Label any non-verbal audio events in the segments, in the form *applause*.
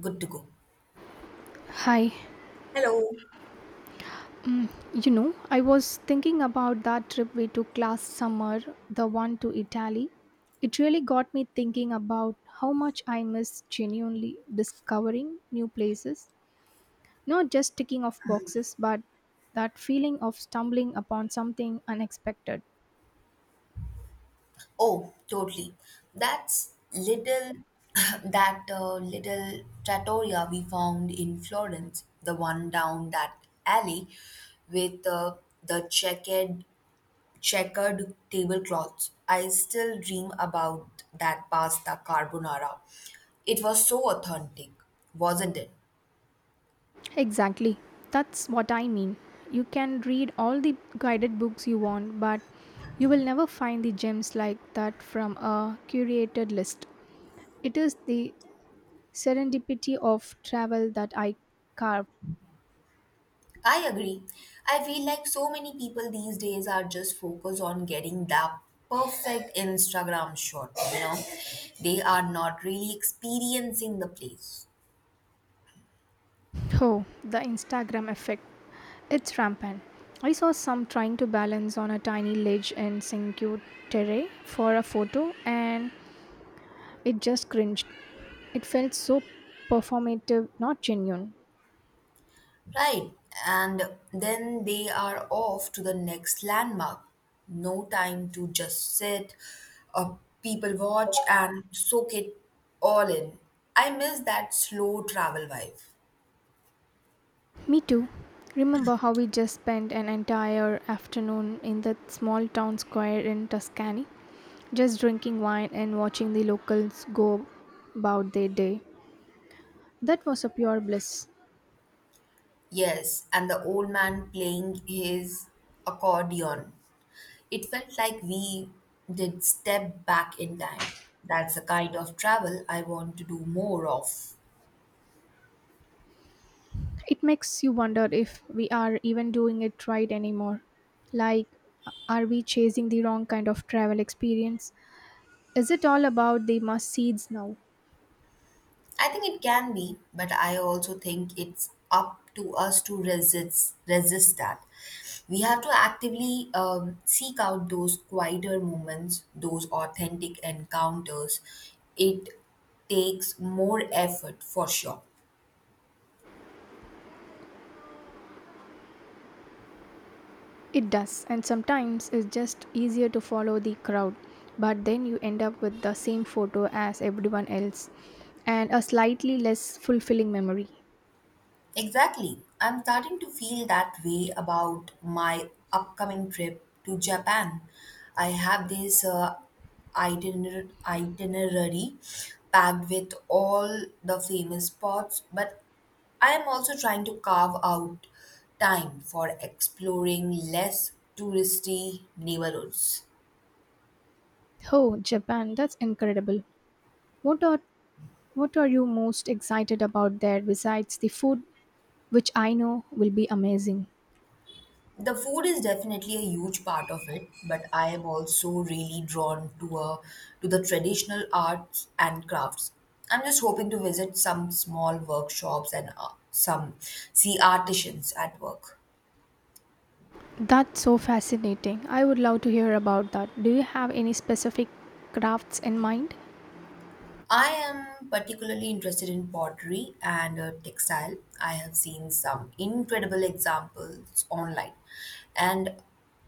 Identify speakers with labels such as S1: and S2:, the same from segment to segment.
S1: Good to go.
S2: Hi.
S1: Hello.
S2: I was thinking about that trip we took last summer, the one to Italy. It really got me thinking about how much I miss genuinely discovering new places, not just ticking off boxes, but that feeling of stumbling upon something unexpected.
S1: Oh, totally. That's little *laughs* that little trattoria we found in Florence, the one down that alley with the checkered tablecloths. I still dream about that pasta carbonara. It was so authentic, wasn't it?
S2: Exactly. That's what I mean. You can read all the guided books you want, but you will never find the gems like that from a curated list. It is the serendipity of travel that I carved.
S1: I agree. I feel like so many people these days are just focused on getting that perfect Instagram shot. They are not really experiencing the place.
S2: Oh, the Instagram effect. It's rampant. I saw some trying to balance on a tiny ledge in Cinque Terre for a photo and it just cringed. It felt so performative, not genuine.
S1: Right. And then they are off to the next landmark. No time to just sit, uh, people watch and soak it all in. I miss that slow travel vibe.
S2: Me too. Remember how we just spent an entire afternoon in that small town square in Tuscany, just drinking wine and watching the locals go about their day. That was a pure bliss.
S1: Yes, and the old man playing his accordion, it felt like we did step back in time. That's the kind of travel I want to do more of.
S2: It makes you wonder if we are even doing it right anymore. Like, are we chasing the wrong kind of travel experience? Is it all about the must seeds now?
S1: I think it can be, but I also think it's up to us to resist that. We have to actively seek out those quieter moments, those authentic encounters. It takes more effort for sure.
S2: It does, and sometimes it's just easier to follow the crowd, but then you end up with the same photo as everyone else and a slightly less fulfilling memory.
S1: Exactly. I'm starting to feel that way about my upcoming trip to Japan. I have this itinerary packed with all the famous spots, but I am also trying to carve out time for exploring less touristy neighborhoods.
S2: Oh, Japan, that's incredible. What are what are you most excited about there besides the food, which I know will be amazing?
S1: The food is definitely a huge part of it, but I am also really drawn to the traditional arts and crafts. I'm just hoping to visit some small workshops and some see artisans at work.
S2: That's so fascinating. I would love to hear about that. Do you have any specific crafts in mind?
S1: I am particularly interested in pottery and textile. I have seen some incredible examples online, and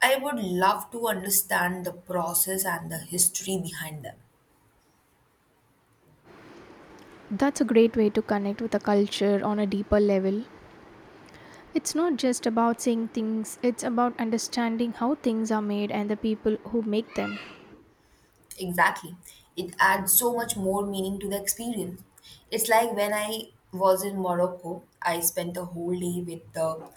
S1: I would love to understand the process and the history behind them.
S2: That's a great way to connect with a culture on a deeper level. It's not just about seeing things, it's about understanding how things are made and the people who make them.
S1: Exactly. It adds so much more meaning to the experience. It's like when I was in Morocco, I spent the whole day with the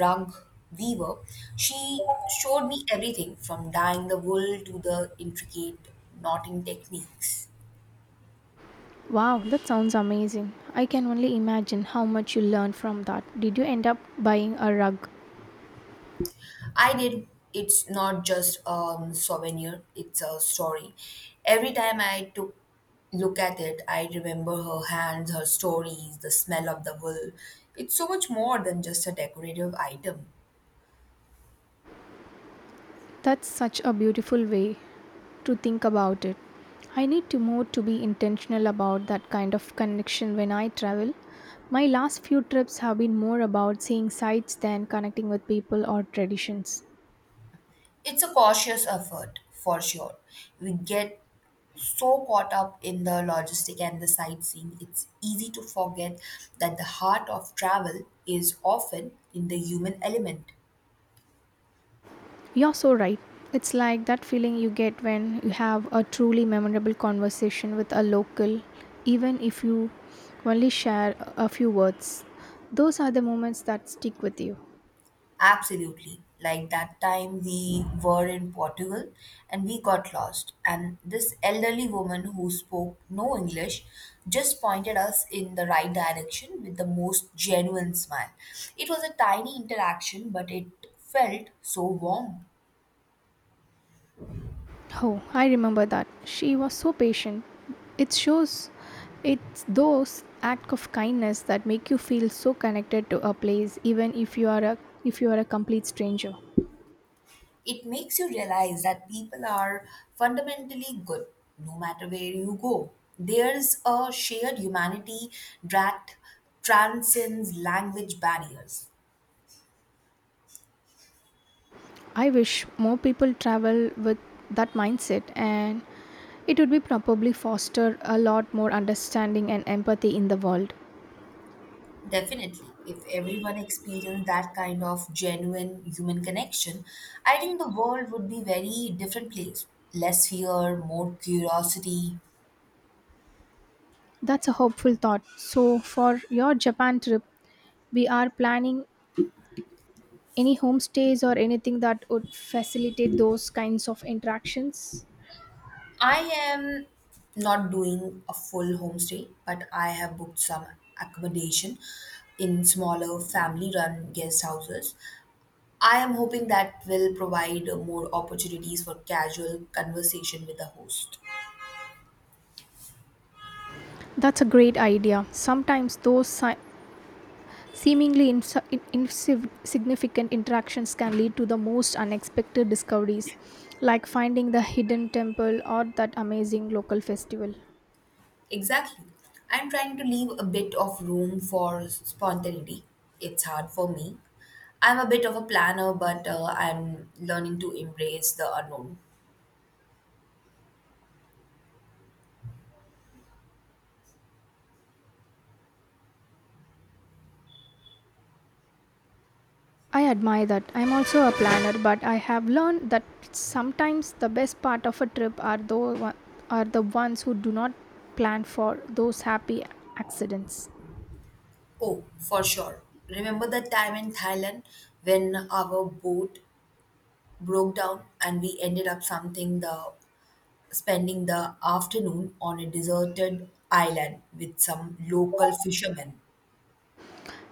S1: rug weaver. She showed me everything from dyeing the wool to the intricate knotting techniques.
S2: Wow, that sounds amazing. I can only imagine how much you learned from that. Did you end up buying a rug?
S1: I did. It's not just a souvenir, it's a story. Every time I took look at it, I remember her hands, her stories, the smell of the wool. It's so much more than just a decorative item.
S2: That's such a beautiful way to think about it. I need to more to be intentional about that kind of connection when I travel. My last few trips have been more about seeing sights than connecting with people or traditions.
S1: It's a cautious effort, for sure. We get so caught up in the logistic and the sightseeing, it's easy to forget that the heart of travel is often in the human element.
S2: You're so right. It's like that feeling you get when you have a truly memorable conversation with a local, even if you only share a few words. Those are the moments that stick with you.
S1: Absolutely. Like that time we were in Portugal and we got lost. And this elderly woman who spoke no English just pointed us in the right direction with the most genuine smile. It was a tiny interaction, but it felt so warm.
S2: Oh, I remember that. She was so patient. It shows it's those acts of kindness that make you feel so connected to a place even if you are a complete stranger.
S1: It makes you realize that people are fundamentally good no matter where you go. There's a shared humanity that transcends language barriers.
S2: I wish more people travel with that mindset and it would be probably foster a lot more understanding and empathy in the world.
S1: Definitely. If everyone experienced that kind of genuine human connection, I think the world would be very different place. Less fear, more curiosity.
S2: That's a hopeful thought. So for your Japan trip, we are planning any homestays or anything that would facilitate those kinds of interactions?
S1: I am not doing a full homestay, but I have booked some accommodation in smaller family run guest houses. I am hoping that will provide more opportunities for casual conversation with the host.
S2: That's a great idea. Sometimes those seemingly insignificant interactions can lead to the most unexpected discoveries, like finding the hidden temple or that amazing local festival.
S1: Exactly. I'm trying to leave a bit of room for spontaneity. It's hard for me. I'm a bit of a planner, but I'm learning to embrace the unknown.
S2: I admire that. I'm also a planner, but I have learned that sometimes the best part of a trip are those are the ones who do not plan for those happy accidents.
S1: Oh, for sure. Remember that time in Thailand when our boat broke down and we ended up something the spending the afternoon on a deserted island with some local fishermen.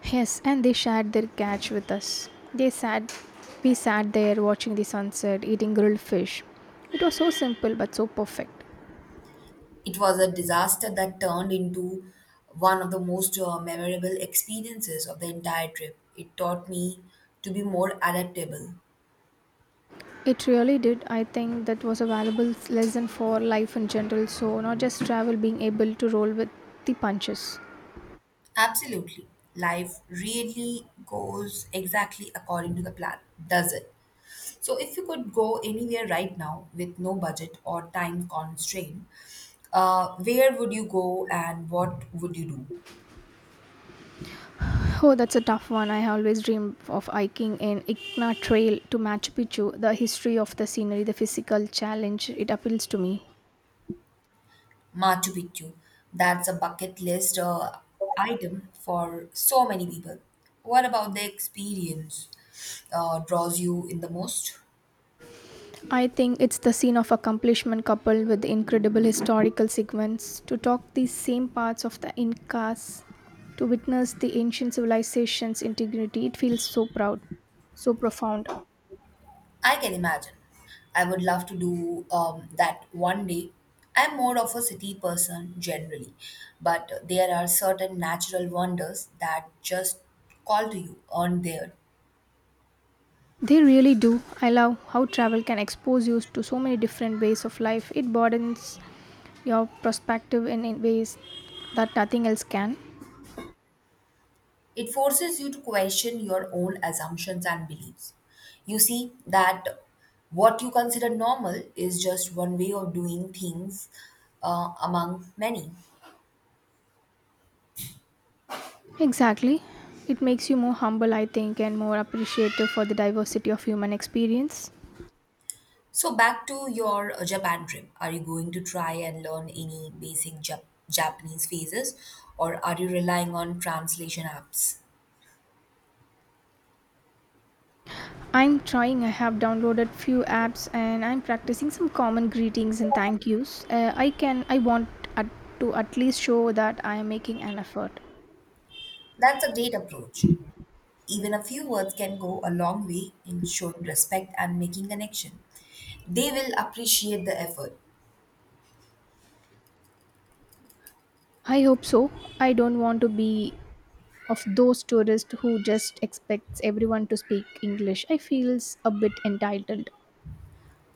S2: Yes, and they shared their catch with us. We sat there watching the sunset, eating grilled fish. It was so simple but so perfect.
S1: It was a disaster that turned into one of the most memorable experiences of the entire trip. It taught me to be more adaptable.
S2: It really did. I think that was a valuable lesson for life in general. So not just travel, being able to roll with the punches.
S1: Absolutely. Life really goes exactly according to the plan, does it? So, if you could go anywhere right now with no budget or time constraint, where would you go and what would you do?
S2: Oh, that's a tough one. I always dream of hiking in Igna Trail to Machu Picchu. The history of the scenery, the physical challenge, it appeals to me.
S1: Machu Picchu. That's a bucket list item for so many people. What about the experience draws you in the most?
S2: I think it's the scene of accomplishment coupled with incredible historical segments to talk these same parts of the Incas, to witness the ancient civilization's integrity. It feels so proud, so profound.
S1: I can imagine. I would love to do that one day. I'm more of a city person generally, but there are certain natural wonders that just call to you on there.
S2: They really do. I love how travel can expose you to so many different ways of life. It broadens your perspective in ways that nothing else can.
S1: It forces you to question your own assumptions and beliefs. You see that what you consider normal is just one way of doing things among many.
S2: Exactly. It makes you more humble, I think, and more appreciative for the diversity of human experience.
S1: So, back to your Japan trip. Are you going to try and learn any basic Japanese phrases or are you relying on translation apps?
S2: I'm trying. I have downloaded few apps and I'm practicing some common greetings and thank yous. I can I want at, to at least show that I am making an effort.
S1: That's a great approach. Even a few words can go a long way in showing respect and making connection. They will appreciate the effort.
S2: I hope so. I don't want to be of those tourists who just expects everyone to speak English. I feels a bit entitled.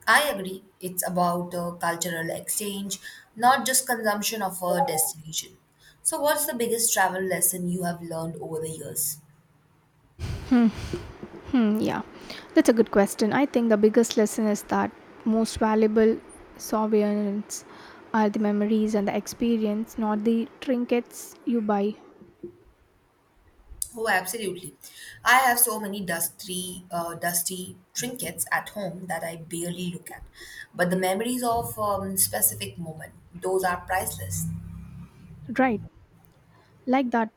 S1: I agree. It's about cultural exchange, not just consumption of a destination. So, what's the biggest travel lesson you have learned over the years?
S2: Hmm, yeah. That's a good question. I think the biggest lesson is that most valuable souvenirs are the memories and the experience, not the trinkets you buy.
S1: Oh, absolutely. I have so many dusty trinkets at home that I barely look at. But the memories of specific moment, those are priceless.
S2: Right. Like that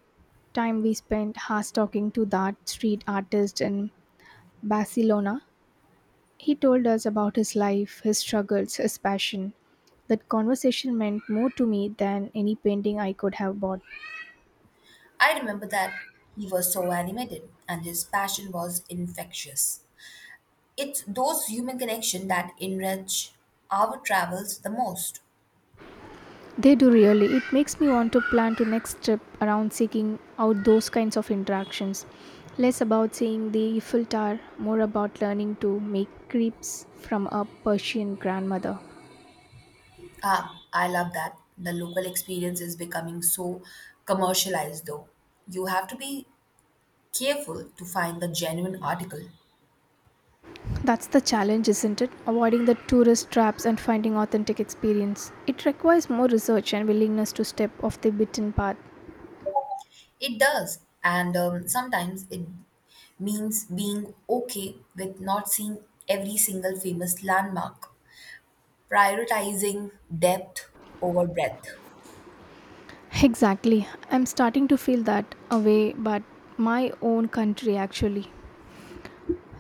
S2: time we spent hours talking to that street artist in Barcelona. He told us about his life, his struggles, his passion. That conversation meant more to me than any painting I could have bought.
S1: I remember that he was so animated and his passion was infectious. It's those human connection that enrich our travels the most.
S2: They do really. It makes me want to plan to next trip around seeking out those kinds of interactions. Less about seeing the Eiffel Tower, more about learning to make crepes from a Persian grandmother.
S1: Ah, I love that. The local experience is becoming so commercialized, though. You have to be careful to find the genuine article.
S2: That's the challenge, isn't it? Avoiding the tourist traps and finding authentic experience. It requires more research and willingness to step off the beaten path.
S1: It does, and sometimes it means being okay with not seeing every single famous landmark, prioritizing depth over breadth.
S2: Exactly. I'm starting to feel that away, but my own country actually.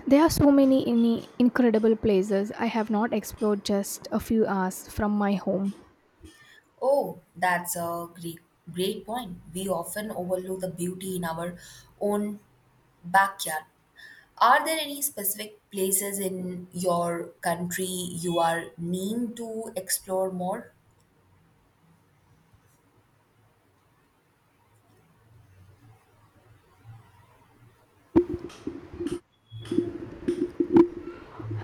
S2: There are so many incredible places I have not explored just a few hours from my home.
S1: Oh, that's a great point. We often overlook the beauty in our own backyard. Are there any specific places in your country you are mean to explore more?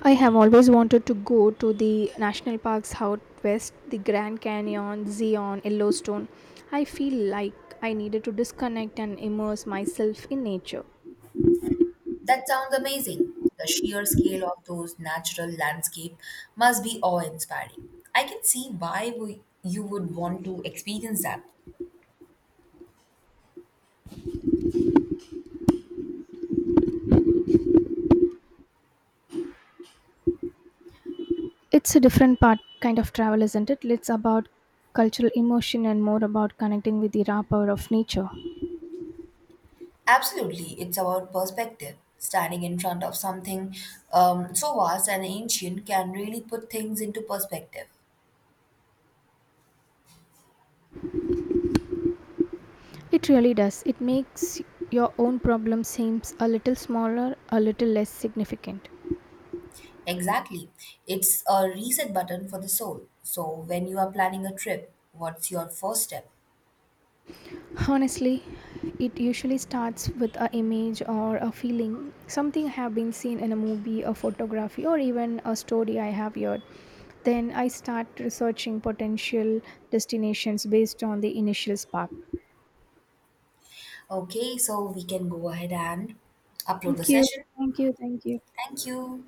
S2: I have always wanted to go to the national parks out west, the Grand Canyon, Zion, Yellowstone. I feel like I needed to disconnect and immerse myself in nature.
S1: That sounds amazing. The sheer scale of those natural landscape must be awe-inspiring. I can see why you would want to experience that.
S2: It's a different part kind of travel, isn't it? It's about cultural immersion and more about connecting with the raw power of nature.
S1: Absolutely, it's about perspective. Standing in front of something so vast and ancient can really put things into perspective.
S2: It really does. It makes your own problem seems a little smaller, a little less significant.
S1: Exactly. It's a reset button for the soul. So, when you are planning a trip, what's your first step?
S2: Honestly, it usually starts with an image or a feeling, something I have been seen in a movie, a photography, or even a story I have heard. Then I start researching potential destinations based on the initial spark.
S1: Okay, so we can go ahead and upload the
S2: Thank you,
S1: session.
S2: thank you, thank you.
S1: Thank you.